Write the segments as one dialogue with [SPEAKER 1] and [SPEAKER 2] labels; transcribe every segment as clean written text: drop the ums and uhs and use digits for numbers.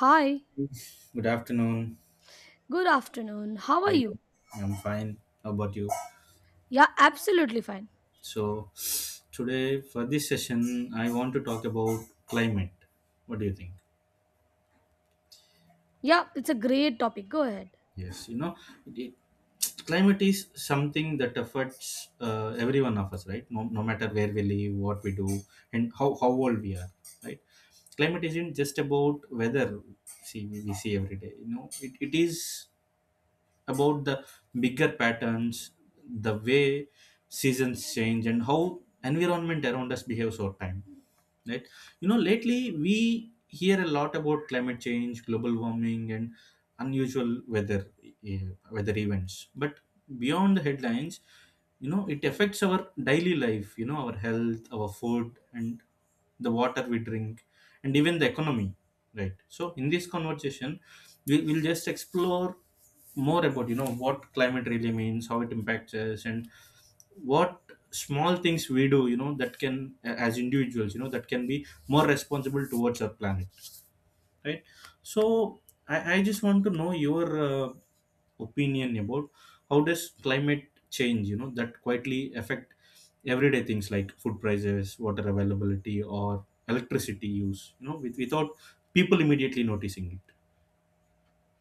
[SPEAKER 1] Hi,
[SPEAKER 2] Good afternoon.
[SPEAKER 1] good afternoon. How
[SPEAKER 2] How
[SPEAKER 1] are
[SPEAKER 2] are you?
[SPEAKER 1] you?
[SPEAKER 2] I'm fine. How about you?
[SPEAKER 1] Yeah, absolutely fine.
[SPEAKER 2] So, today for this session, I want to talk about climate. What do you think?
[SPEAKER 1] Yeah, it's a great topic. Go ahead.
[SPEAKER 2] Yes, you know, it, climate is something that affects every one of us, right? No matter where we live, what we do, and how old we are, right? Climate isn't just about weather. See, we see every day. You know, it is about the bigger patterns, the way seasons change, and how environment around us behaves over time. Right? You know, lately we hear a lot about climate change, global warming, and unusual eh, weather events. But beyond the headlines, you know, it affects our daily life. You know, our health, our food, and the water we drink and even the economy, right? So in this conversation, we will just explore more about, you know, what climate really means, how it impacts us, and what small things we do, you know, that can, as individuals, you know, that can be more responsible towards our planet, right? So I just want to know your opinion about how does climate change, you know, that quietly affect everyday things like food prices, water availability, or electricity use, you know, without people immediately noticing it.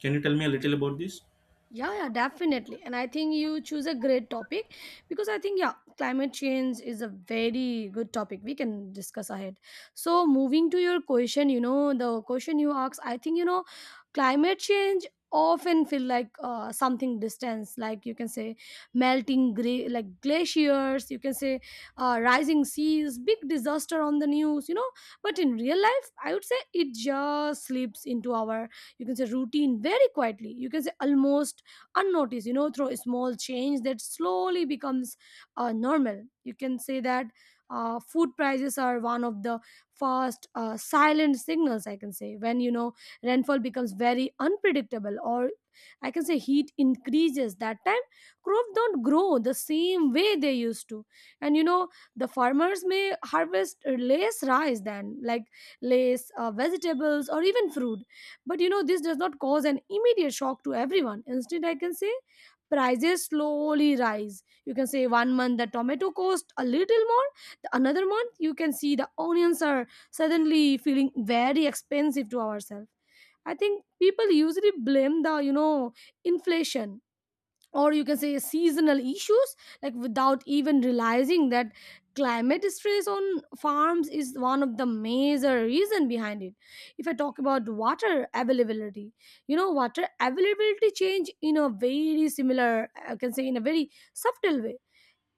[SPEAKER 2] Can you tell me a little about this?
[SPEAKER 1] Yeah, yeah, definitely. And I think you choose a great topic because I think, yeah, climate change is a very good topic we can discuss ahead. So, moving to your question, you know, the question you asked, I think, you know, climate change often feel like something distance, like you can say melting gray like glaciers, you can say rising seas, big disaster on the news, you know, but in real life I would say it just slips into our, you can say, routine very quietly, you can say almost unnoticed, you know, through a small change that slowly becomes normal. You can say that food prices are one of the first silent signals, I can say, when, you know, rainfall becomes very unpredictable, or I can say heat increases. That time, crops don't grow the same way they used to. And you know, the farmers may harvest less rice, than like less vegetables or even fruit. But you know, this does not cause an immediate shock to everyone. Instead, I can say prices slowly rise. You can say one month the tomato cost a little more, the another month you can see the onions are suddenly feeling very expensive to ourselves. I think people usually blame the, you know, inflation, or you can say seasonal issues, like without even realizing that climate stress on farms is one of the major reason behind it. If I talk about water availability, you know, water availability change in a very similar, I can say, in a very subtle way.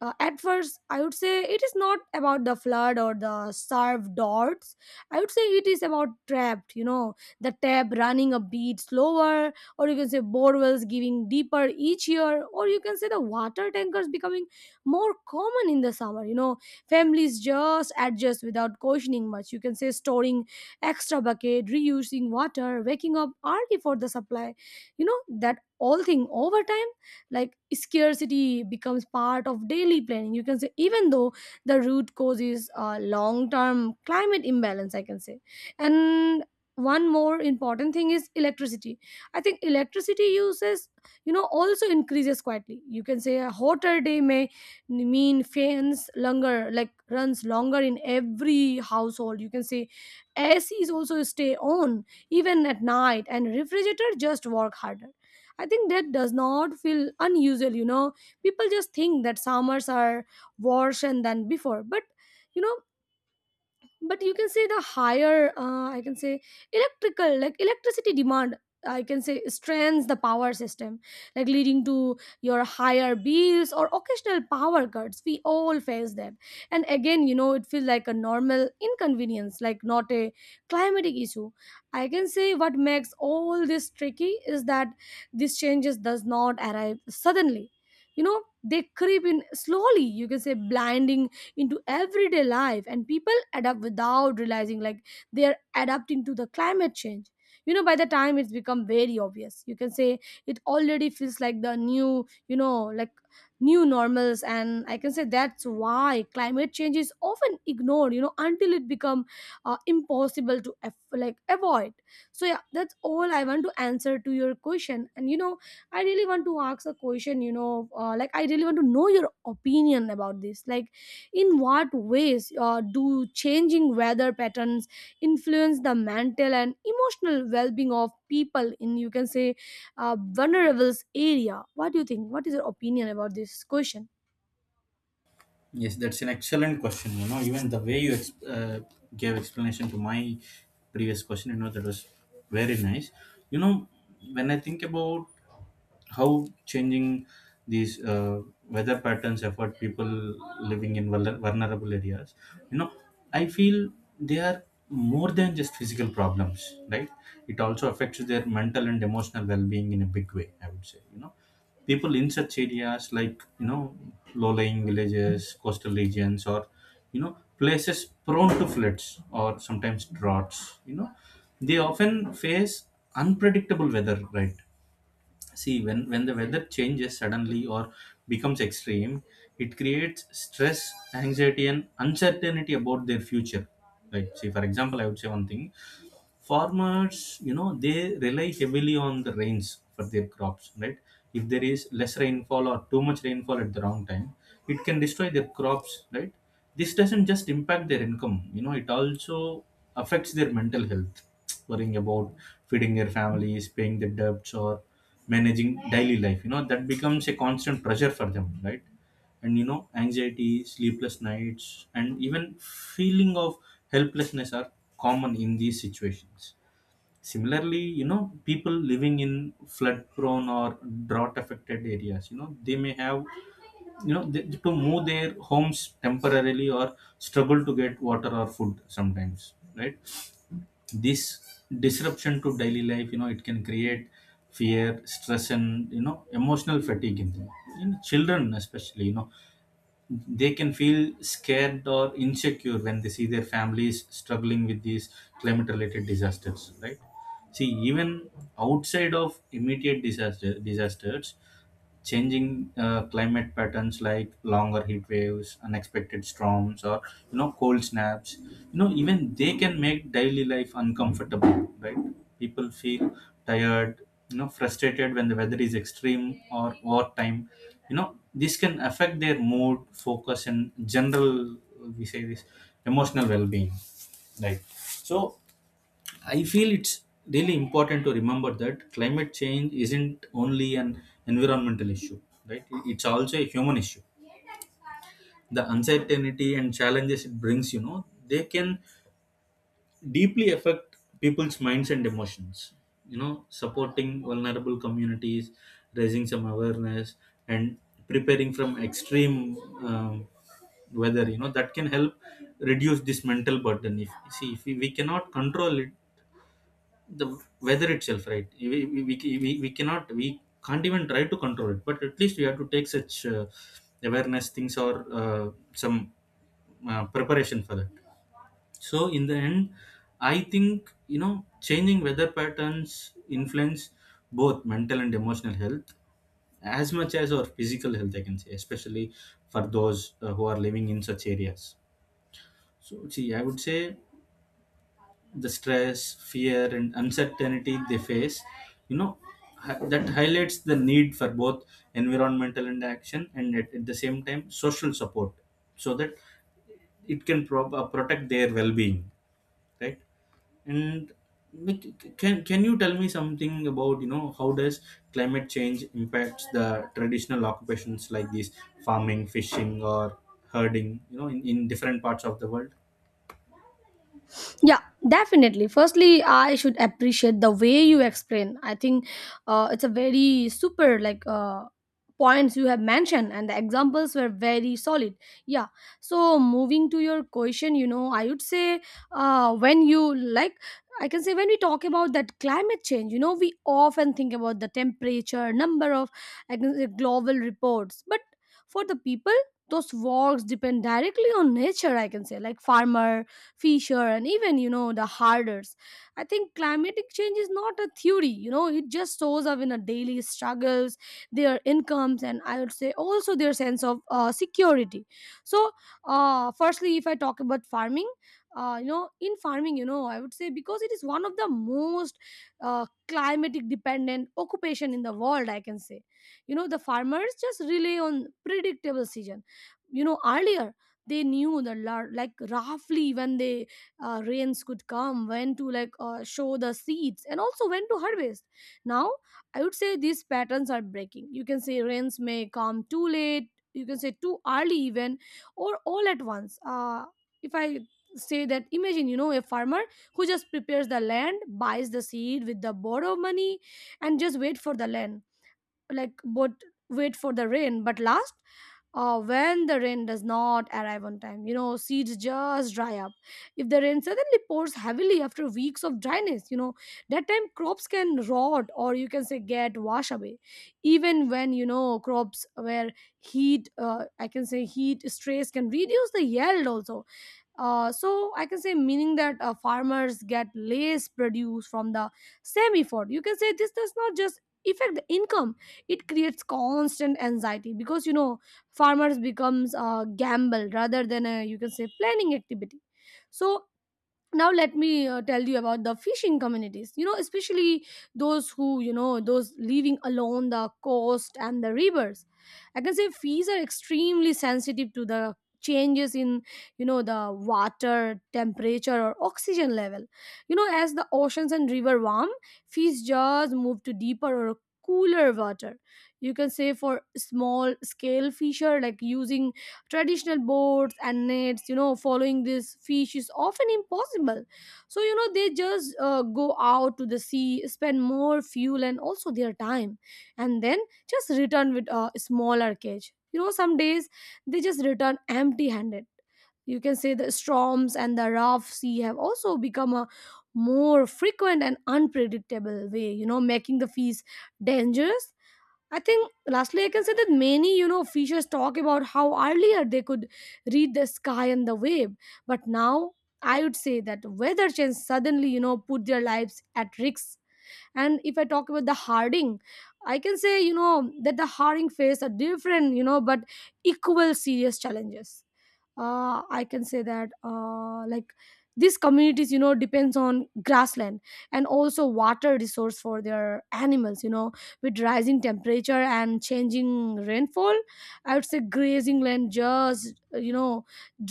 [SPEAKER 1] At first I would say it is not about the flood or the served dots. I would say it is about trapped, you know, the tap running a bit slower, or you can say borewells giving deeper each year, or you can say the water tankers becoming more common in the summer. You know, families just adjust without questioning much. You can say storing extra bucket, reusing water, waking up early for the supply, you know, that all thing over time, like scarcity becomes part of daily planning. You can say even though the root cause is long term climate imbalance, I can say. And one more important thing is electricity. I think electricity uses, you know, also increases quietly. You can say a hotter day may mean fans longer, like runs longer in every household. You can say ACs also stay on even at night, and refrigerator just work harder. I think that does not feel unusual, you know. People just think that summers are worse and than before. But you know, but you can say the higher I can say electrical, like electricity demand, I can say strains the power system, like leading to your higher bills or occasional power cuts. We all face them. And again, you know, it feels like a normal inconvenience, like not a climatic issue. I can say what makes all this tricky is that these changes does not arrive suddenly. You know, they creep in slowly. You can say blinding into everyday life, and people adapt without realizing like they are adapting to the climate change. You know, by the time it's become very obvious, you can say it already feels like the new, you know, like new normals. And I can say that's why climate change is often ignored, you know, until it become impossible to like avoid. So yeah, that's all I want to answer to your question. And you know, I really want to ask a question, you know, like I really want to know your opinion about this, like in what ways do changing weather patterns influence the mental and emotional well-being of people in, you can say, vulnerable area? What do you think? What is your opinion about this question?
[SPEAKER 2] Yes, that's an excellent question. You know, even the way you gave explanation to my previous question, you know, that was very nice. You know, when I think about how changing these weather patterns affect people living in vulnerable areas, you know, I feel they are more than just physical problems, right? It also affects their mental and emotional well-being in a big way, I would say. You know, people in such areas, like, you know, low-lying villages, coastal regions, or, you know, places prone to floods or sometimes droughts, you know, they often face unpredictable weather, right? See, when the weather changes suddenly or becomes extreme, it creates stress, anxiety, and uncertainty about their future, right? See, for example, I would say, one thing, farmers, you know, they rely heavily on the rains for their crops, right? If there is less rainfall or too much rainfall at the wrong time, it can destroy their crops, right? This doesn't just impact their income. You know, it also affects their mental health, worrying about feeding their families, paying their debts, or managing daily life. You know, that becomes a constant pressure for them, right? And, you know, anxiety, sleepless nights, and even feeling of helplessness are common in these situations. Similarly, you know, people living in flood prone or drought affected areas, you know, they may have to move their homes temporarily or struggle to get water or food sometimes, right? This disruption to daily life, you know, it can create fear, stress, and, you know, emotional fatigue in them. In children especially, you know, they can feel scared or insecure when they see their families struggling with these climate related disasters, right? See, even outside of immediate disasters, changing climate patterns like longer heat waves, unexpected storms, or, you know, cold snaps, you know, even they can make daily life uncomfortable, right? People feel tired, you know, frustrated when the weather is extreme or wartime. You know, this can affect their mood, focus, and general, we say this, emotional well-being, right? So I feel it's really important to remember that climate change isn't only an environmental issue, right? It's also a human issue. The uncertainty and challenges it brings, you know, they can deeply affect people's minds and emotions. You know, supporting vulnerable communities, raising some awareness, and preparing from extreme um, weather, you know, that can help reduce this mental burden. If, see, if we cannot control it, the weather itself, right? We cannot, we can't even try to control it, but at least we have to take such awareness things or some preparation for that. So in the end, I think, you know, changing weather patterns influence both mental and emotional health as much as our physical health, I can say, especially for those who are living in such areas. So, see, I would say the stress, fear, and uncertainty they face, you know, that highlights the need for both environmental and action and at the same time social support, so that it can protect their well-being, right? And Mick, can you tell me something about, you know, how does climate change impacts the traditional occupations like these: farming, fishing, or herding, you know, in different parts of the world?
[SPEAKER 1] Yeah, definitely. Firstly, I should appreciate the way you explain. I think it's a very super, like points you have mentioned, and the examples were very solid. Yeah. So moving to your question, you know, I would say when you like. I can say when we talk about that climate change, you know, we often think about the temperature, number of, I can say, global reports. But for the people, those works depend directly on nature, I can say, like farmer, fisher, and even you know, the herders, I think climatic change is not a theory. You know, it just shows up in a daily struggles, their incomes, and I would say also their sense of security. So firstly, if I talk about farming, you know, in farming, you know, I would say because it is one of the most climatic dependent occupation in the world, I can say. You know, the farmers just rely on predictable season. You know, earlier they knew the like roughly when the rains could come, when to like show the seeds, and also when to harvest. Now I would say these patterns are breaking. You can say rains may come too late, you can say too early even, or all at once. If I say that, imagine, you know, a farmer who just prepares the land, buys the seed with the borrow money, and just wait for the land, like, but wait for the rain but last, when the rain does not arrive on time, you know, seeds just dry up. If the rain suddenly pours heavily after weeks of dryness, you know, that time crops can rot, or you can say get washed away. Even when, you know, crops where heat, I can say heat stress can reduce the yield also. So I can say meaning that farmers get less produce from the same effort. You can say this does not just affect the income; it creates constant anxiety, because you know, farmers becomes a gamble rather than a, you can say, planning activity. So now let me tell you about the fishing communities. You know, especially those who, you know, those living along the coast and the rivers, I can say fish are extremely sensitive to the changes in, you know, the water temperature or oxygen level. You know, as the oceans and river warm, fish just move to deeper or cooler water. You can say for small scale fisher, like using traditional boats and nets, you know, following this fish is often impossible. So you know, they just go out to the sea, spend more fuel and also their time, and then just return with a smaller cage. You know, some days they just return empty handed. You can say the storms and the rough sea have also become a more frequent and unpredictable way, you know, making the fish dangerous. I think lastly, I can say that many, you know, fishers talk about how earlier they could read the sky and the wave. But now I would say that weather change suddenly, you know, put their lives at risk. And if I talk about the Harding, I can say, you know, that the Harding face a different, you know, but equal serious challenges. I can say that like these communities, you know, depends on grassland and also water resource for their animals. You know, with rising temperature and changing rainfall, I would say grazing land just, you know,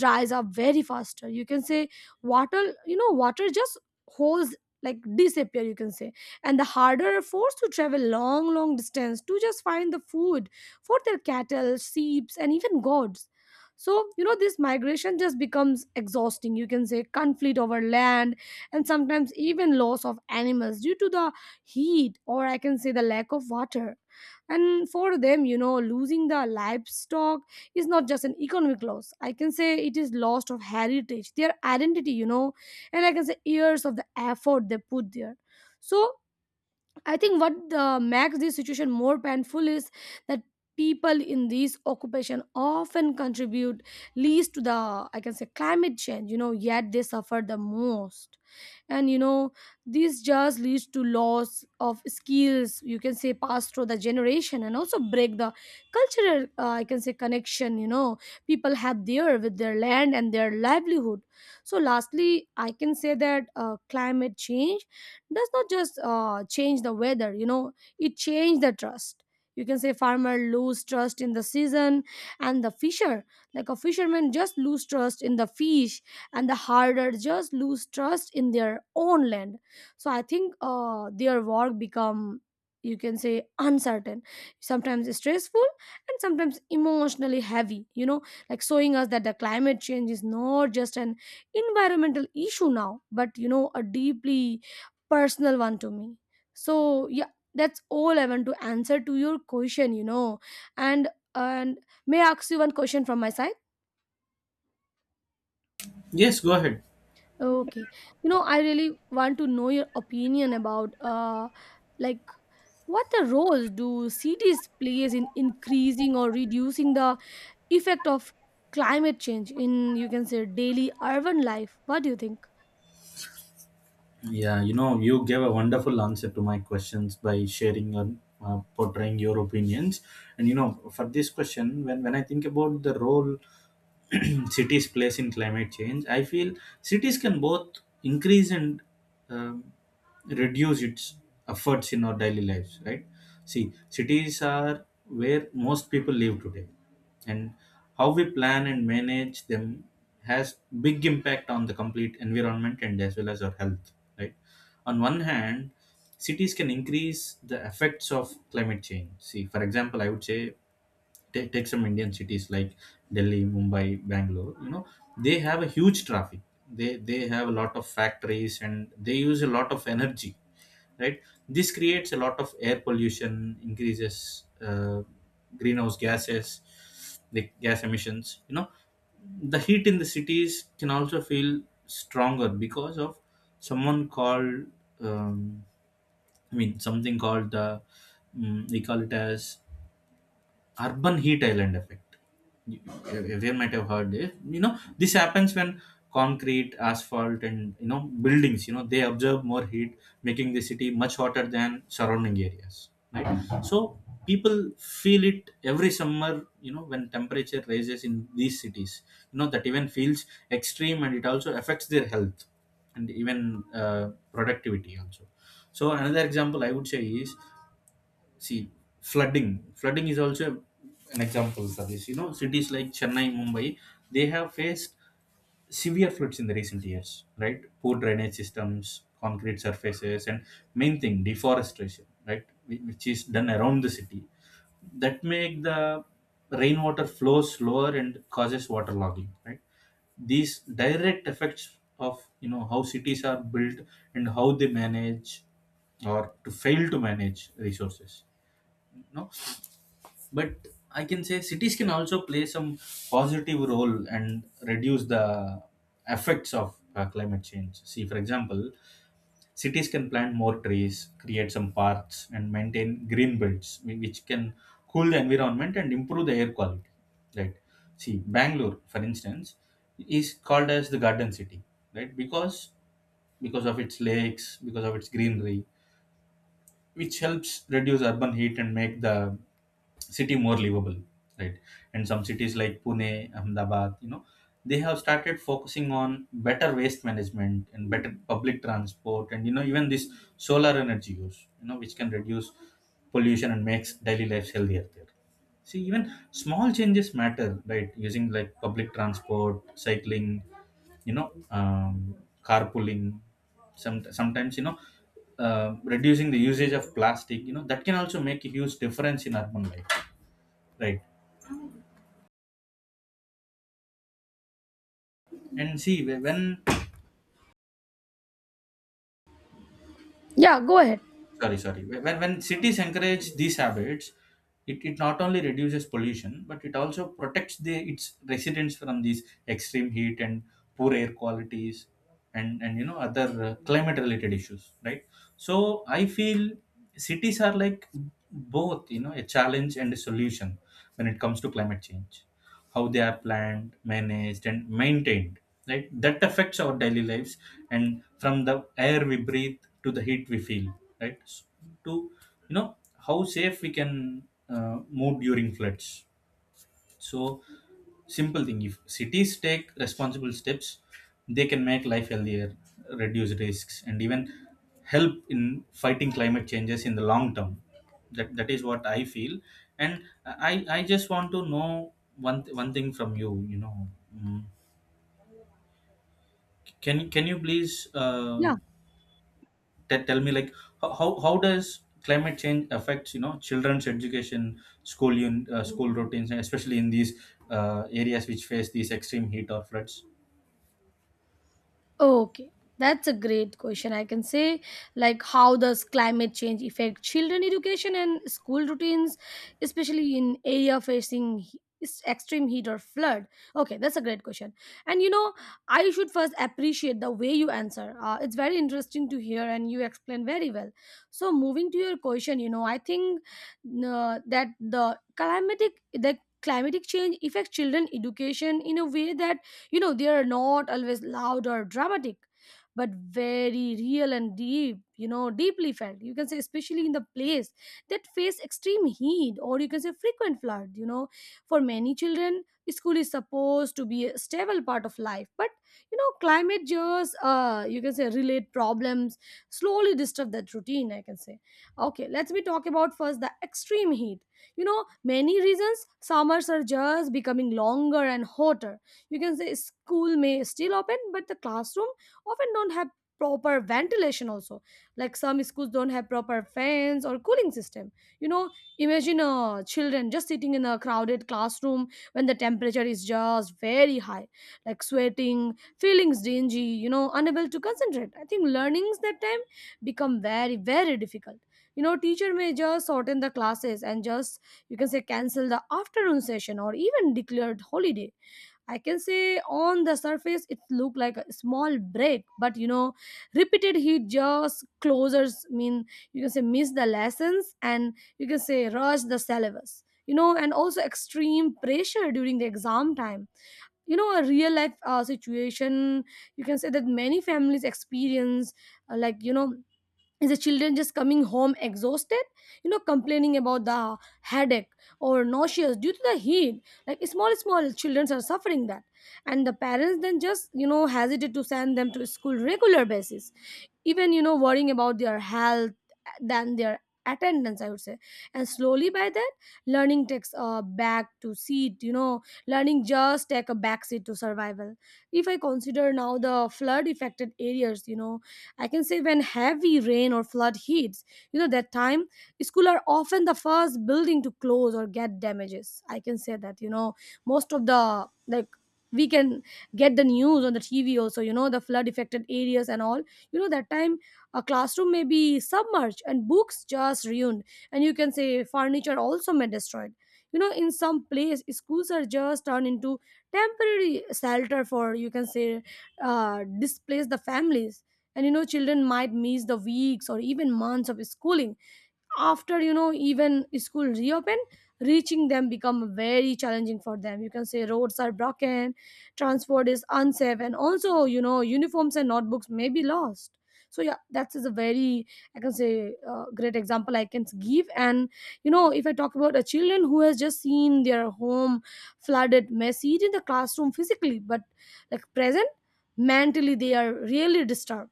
[SPEAKER 1] dries up very faster. You can say water, you know, water just holds, like disappear, you can say. And the harder are forced to travel long long distance to just find the food for their cattle, sheep, and even goats. So, you know, this migration just becomes exhausting. You can say conflict over land, and sometimes even loss of animals due to the heat, or I can say the lack of water. And for them, you know, losing the livestock is not just an economic loss. I can say it is loss of heritage, their identity, you know, and I can say years of the effort they put there. So I think what makes this situation more painful is that people in these occupation often contribute least to the, I can say, climate change. You know, yet they suffer the most, and you know these just leads to loss of skills, you can say passed through the generation, and also break the cultural I can say connection, you know people have there with their land and their livelihood. So lastly I can say that climate change does not just change the weather, you know it changed the trust. You can say farmer lose trust in the season, and the fisher, like a fisherman just lose trust in the fish, and the harder just lose trust in their own land. So I think their work become, you can say, uncertain, sometimes stressful, and sometimes emotionally heavy, you know, like showing us that the climate change is not just an environmental issue now, but you know a deeply personal one to me. So yeah, that's all I want to answer to your question, you know. And and may I ask you one question from my side?
[SPEAKER 2] Yes, go ahead.
[SPEAKER 1] Okay. You know, I really want to know your opinion about like what the roles do cities plays in increasing or reducing the effect of climate change in, you can say, daily urban life. What do you think?
[SPEAKER 2] Yeah, you know, you gave a wonderful answer to my questions by sharing and portraying your opinions. And, you know, for this question, when I think about the role cities' place in climate change, I feel cities can both increase and um, reduce its efforts in our daily lives, right? See, cities are where most people live today, and how we plan and manage them has big impact on the complete environment and as well as our health, right? On one hand, cities can increase the effects of climate change. See, for example, I would say, take some Indian cities like Delhi, Mumbai, Bangalore. You know, they have a huge traffic. They have a lot of factories and they use a lot of energy, right? This creates a lot of air pollution, increases greenhouse gases, the gas emissions. You know, the heat in the cities can also feel stronger because of someone called um, I mean, something called the they call it as urban heat island effect. You- Everyone might have heard this. You know, this happens when concrete, asphalt, and, you know, buildings, you know, they absorb more heat, making the city much hotter than surrounding areas, right? So people feel it every summer. You know, when temperature rises in these cities, you know, that even feels extreme and it also affects their health and even uh, productivity also. So another example, I would say, is, see, flooding. Flooding is also an example of this. You know, cities like Chennai, Mumbai, they have faced severe floods in the recent years, right? Poor drainage systems, concrete surfaces, and main thing, deforestation, right? Which is done around the city, that make the rainwater flow slower and causes waterlogging, right? These direct effects of, you know, how cities are built and how they manage or to fail to manage resources. No, but I can say cities can also play some positive role and reduce the effects of climate change. See, for example, cities can plant more trees, create some parks, and maintain green belts, which can cool the environment and improve the air quality, right? See, Bangalore, for instance, is called as the garden city, right? Because of its lakes, because of its greenery, which helps reduce urban heat and make the city more livable, right? And some cities like Pune, Ahmedabad, you know, they have started focusing on better waste management and better public transport and, you know, even this solar energy use, you know, which can reduce pollution and makes daily life healthier there. See, even small changes matter, right? Using like public transport, cycling, you know, um, carpooling, sometimes, you know, reducing the usage of plastic, you know, that can also make a huge difference in urban life, right? and see whe- when
[SPEAKER 1] Yeah, go ahead.
[SPEAKER 2] When cities encourage these habits, it not only reduces pollution but it also protects the its residents from these extreme heat and poor air qualities and, you know, other climate related issues, right? So I feel cities are like both, you know, a challenge and a solution when it comes to climate change. How they are planned, managed, and maintained, right? That affects our daily lives and from the air we breathe to the heat we feel, right? To, you know, how safe we can uh, move during floods. So, simple thing, if cities take responsible steps, they can make life healthier, reduce risks, and even help in fighting climate changes in the long term. That is what I feel. And I just want to know one thing from you. You know, Mm, can you please?
[SPEAKER 1] Yeah.
[SPEAKER 2] Tell me, like, how does climate change affects, you know, children's education, school routines, and especially in these areas which face these extreme heat or floods.
[SPEAKER 1] Okay, that's a great question. I can say, like, how does climate change affect children education and school routines, especially in area facing extreme heat or flood? Okay, that's a great question. And you know, I should first appreciate the way you answer. It's very interesting to hear, and you explain very well. So, moving to your question, you know, I think that the climatic change affects children education in a way that, you know, they are not always loud or dramatic, but very real and deep, you know, deeply felt. You can say, especially in the place that face extreme heat or, you can say, frequent flood, you know. For many children, school is supposed to be a stable part of life, but you know, climate just you can say relate problems, slowly disturb that routine, I can say. Okay, let's be talk about first the extreme heat. You know, many reasons summers are just becoming longer and hotter. You can say school may still open, but the classroom often don't have proper ventilation also, like some schools don't have proper fans or cooling system. You know, imagine children just sitting in a crowded classroom when the temperature is just very high, like sweating, feeling dingy, you know, unable to concentrate. I think learnings that time become very difficult. You know, teacher may just shorten the classes and just, you can say, cancel the afternoon session, or even declared holiday. I can say on the surface it looked like a small break, but you know, repeated heat just closers mean, you can say, miss the lessons, and you can say rush the syllabus. You know, and also extreme pressure during the exam time. You know, a real life situation, you can say, that many families experience, like you know, is the children just coming home exhausted, you know, complaining about the headache or nauseous due to the heat. Like small small children are suffering that, and the parents then just, you know, hesitate to send them to school regular basis, even you know worrying about their health than their attendance, I would say. And slowly by that, learning takes a back to seat, you know, learning just take a back seat to survival. If I consider now the flood affected areas, you know, I can say when heavy rain or flood hits, you know that time school are often the first building to close or get damages, I can say that. You know, most of the like, we can get the news on the tv also, you know, the flood affected areas and all. You know, that time a classroom may be submerged and books just ruined, and you can say furniture also may destroyed. You know, in some place schools are just turned into temporary shelter for, you can say, displace the families, and you know children might miss the weeks or even months of schooling. After, you know, even school reopen, reaching them become very challenging for them. You can say roads are broken, transport is unsafe, and also you know uniforms and notebooks may be lost. So yeah, that is a very, I can say, great example I can give. And you know, if I talk about a children who has just seen their home flooded, messy in the classroom physically, but like present mentally, they are really disturbed,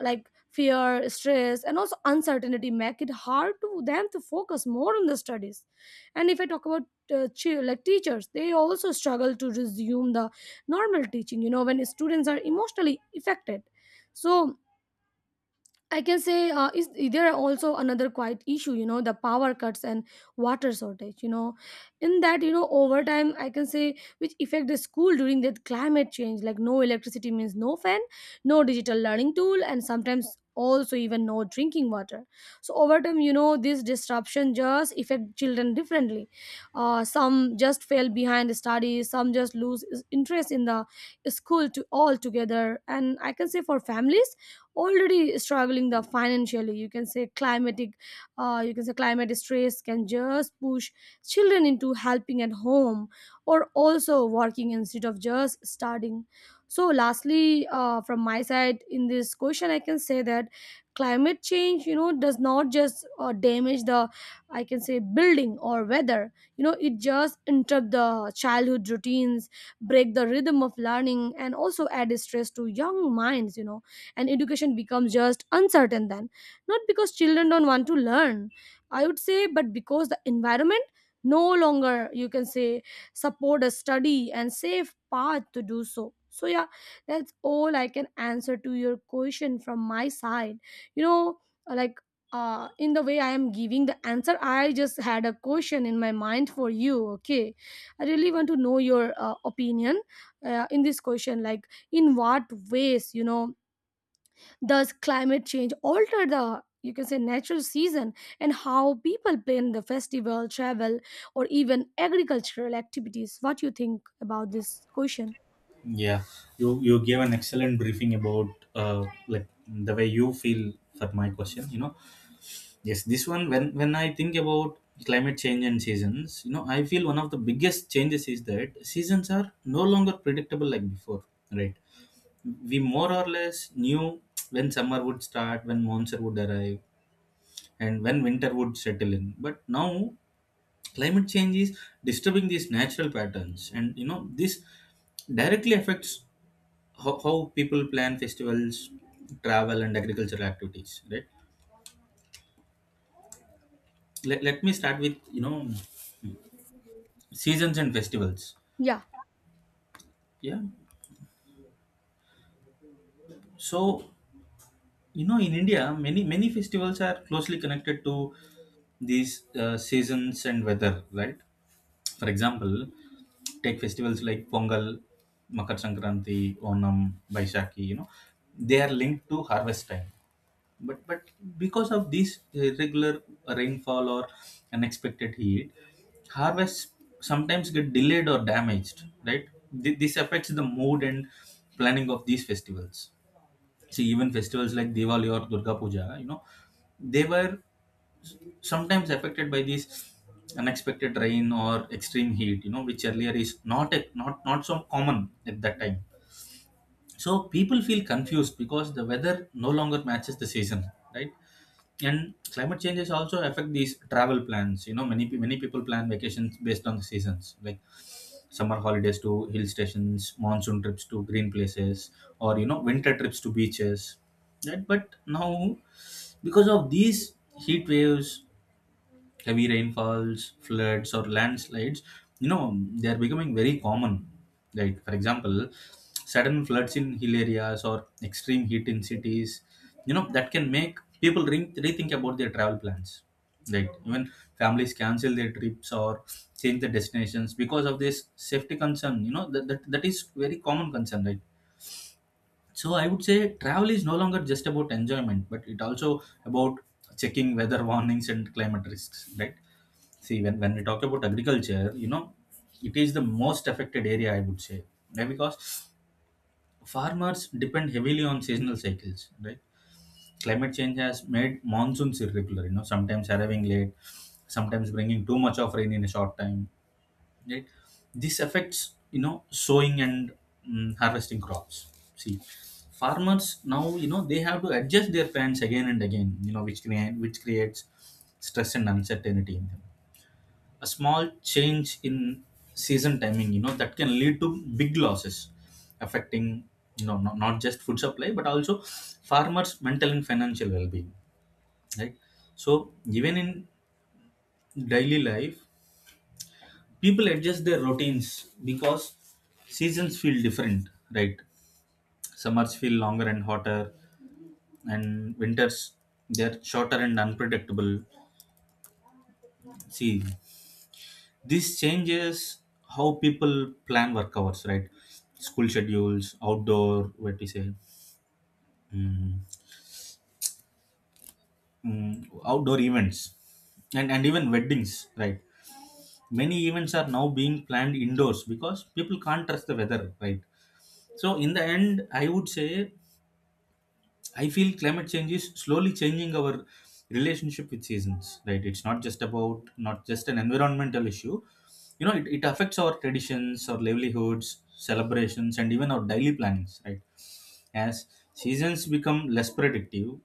[SPEAKER 1] like fear, stress, and also uncertainty make it hard to them to focus more on the studies. And if I talk about like teachers, they also struggle to resume the normal teaching, you know, when students are emotionally affected. So I can say is there are also another quite issue, you know, the power cuts and water shortage, you know, in that, you know, over time I can say which affect the school during that climate change, like no electricity means no fan, no digital learning tool, and sometimes also even no drinking water. So over time, you know, this disruption just affect children differently. Some just fail behind the studies, some just lose interest in the school to altogether, and I can say for families already struggling the financially, you can say climatic, you can say climate stress can just push children into helping at home, or also working instead of just studying. So lastly from my side in this question I can say that climate change, you know, does not just damage the, I can say, building or weather. You know, it just interrupt the childhood routines, break the rhythm of learning, and also add stress to young minds, you know, and education becomes just uncertain then, not because children don't want to learn, I would say, but because the environment no longer, you can say, support a study and safe path to do so. So yeah, that's all I can answer to your question from my side, you know, like in the way I am giving the answer, I just had a question in my mind for you. Okay, I really want to know your opinion in this question. Like, in what ways, you know, does climate change alter the, you can say, natural season, and how people plan the festival, travel, or even agricultural activities? What do you think about this question?
[SPEAKER 2] Yeah, you gave an excellent briefing about, like, the way you feel for my question, you know. Yes, this one. When I think about climate change and seasons, you know, I feel one of the biggest changes is that seasons are no longer predictable like before, right? We more or less knew when summer would start, when monsoon would arrive, and when winter would settle in. But now, climate change is disturbing these natural patterns, and you know this directly affects how people plan festivals, travel, and agricultural activities, right? Let me start with, you know, seasons and festivals.
[SPEAKER 1] Yeah,
[SPEAKER 2] Yeah. So you know in India, many festivals are closely connected to these seasons and weather. Right. For example, take festivals like Pongal, Makar Sankranti, Onam, Baisakhi, you know, they are linked to harvest time. But because of this irregular rainfall or unexpected heat, harvests sometimes get delayed or damaged. Right? This affects the mood and planning of these festivals. See, even festivals like Diwali or Durga Puja, you know, they were sometimes affected by these unexpected rain or extreme heat, you know, which earlier is not so common at that time. So people feel confused because the weather no longer matches the season, right? And climate changes also affect these travel plans. You know, many people plan vacations based on the seasons, like summer holidays to hill stations, monsoon trips to green places, or, you know, winter trips to beaches, right? But now, because of these heat waves, heavy rainfalls, floods, or landslides, you know, they are becoming very common. Like, for example, sudden floods in hill areas or extreme heat in cities, you know, that can make people rethink about their travel plans. Like, even families cancel their trips or change the destinations because of this safety concern. You know, that is very common concern, right? So I would say travel is no longer just about enjoyment, but it also about checking weather warnings and climate risks, right? See, when we talk about agriculture, you know, it is the most affected area, I would say, right? Because farmers depend heavily on seasonal cycles, right? Climate change has made monsoons irregular, you know, sometimes arriving late, sometimes bringing too much of rain in a short time, right? This affects, you know, sowing and harvesting crops. See, farmers now, you know, they have to adjust their plans again and again, you know, which creates stress and uncertainty in them. A small change in season timing, you know, that can lead to big losses, affecting, you know, not just food supply but also farmers mental and financial well-being, right? So even in daily life, people adjust their routines because seasons feel different, right? Summers feel longer and hotter, and winters, they're shorter and unpredictable. See, this changes how people plan work hours, right? School schedules, outdoor, what we say, mm, mm, outdoor events, and even weddings, right? Many events are now being planned indoors because people can't trust the weather, right? So in the end, I would say I feel climate change is slowly changing our relationship with seasons, right? It's not just an environmental issue. You know, it affects our traditions, our livelihoods, celebrations, and even our daily plannings, right? As seasons become less predictive,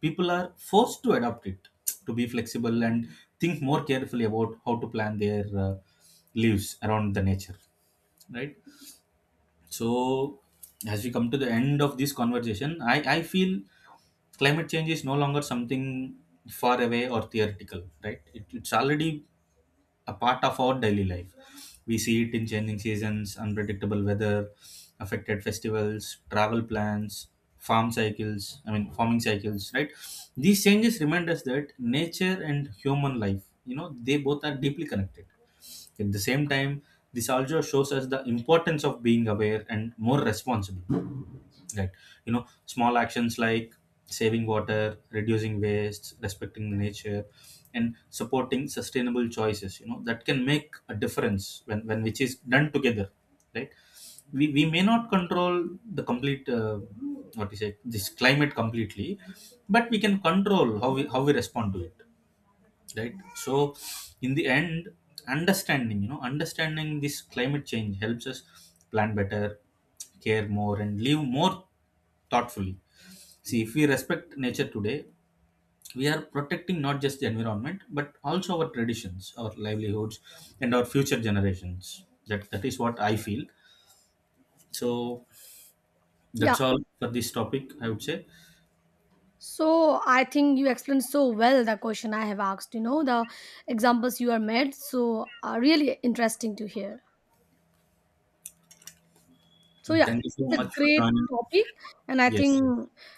[SPEAKER 2] people are forced to adapt it, to be flexible and think more carefully about how to plan their lives around the nature, right? So, as we come to the end of this conversation, I feel climate change is no longer something far away or theoretical, right? It's already a part of our daily life. We see it in changing seasons, unpredictable weather, affected festivals, travel plans, I mean, farming cycles, right? These changes remind us that nature and human life, you know, they both are deeply connected. At the same time, this also shows us the importance of being aware and more responsible. Right? You know, small actions like saving water, reducing waste, respecting the nature, and supporting sustainable choices, you know, that can make a difference when which is done together. Right? We may not control the complete, what you say, this climate completely, but we can control how we respond to it, right? So in the end, understanding you know understanding this climate change helps us plan better, care more, and live more thoughtfully. See, if we respect nature today, we are protecting not just the environment but also our traditions, our livelihoods, and our future generations. That is what I feel. So that's
[SPEAKER 1] yeah.
[SPEAKER 2] all for this topic, I would say.
[SPEAKER 1] So I think you explained so well the question I have asked. You know the examples you are made, so are really interesting to hear. So
[SPEAKER 2] And
[SPEAKER 1] yeah,
[SPEAKER 2] thank you so
[SPEAKER 1] it's a
[SPEAKER 2] much for
[SPEAKER 1] great
[SPEAKER 2] joining.
[SPEAKER 1] topic, and I
[SPEAKER 2] Yes,
[SPEAKER 1] think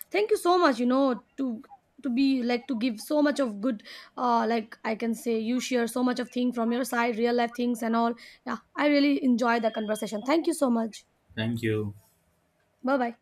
[SPEAKER 1] thank you so much. You know, to be like to give so much of good, like I can say you share so much of thing from your side, real life things and all. Yeah, I really enjoy the conversation. Thank you so much.
[SPEAKER 2] thank you.
[SPEAKER 1] Bye bye.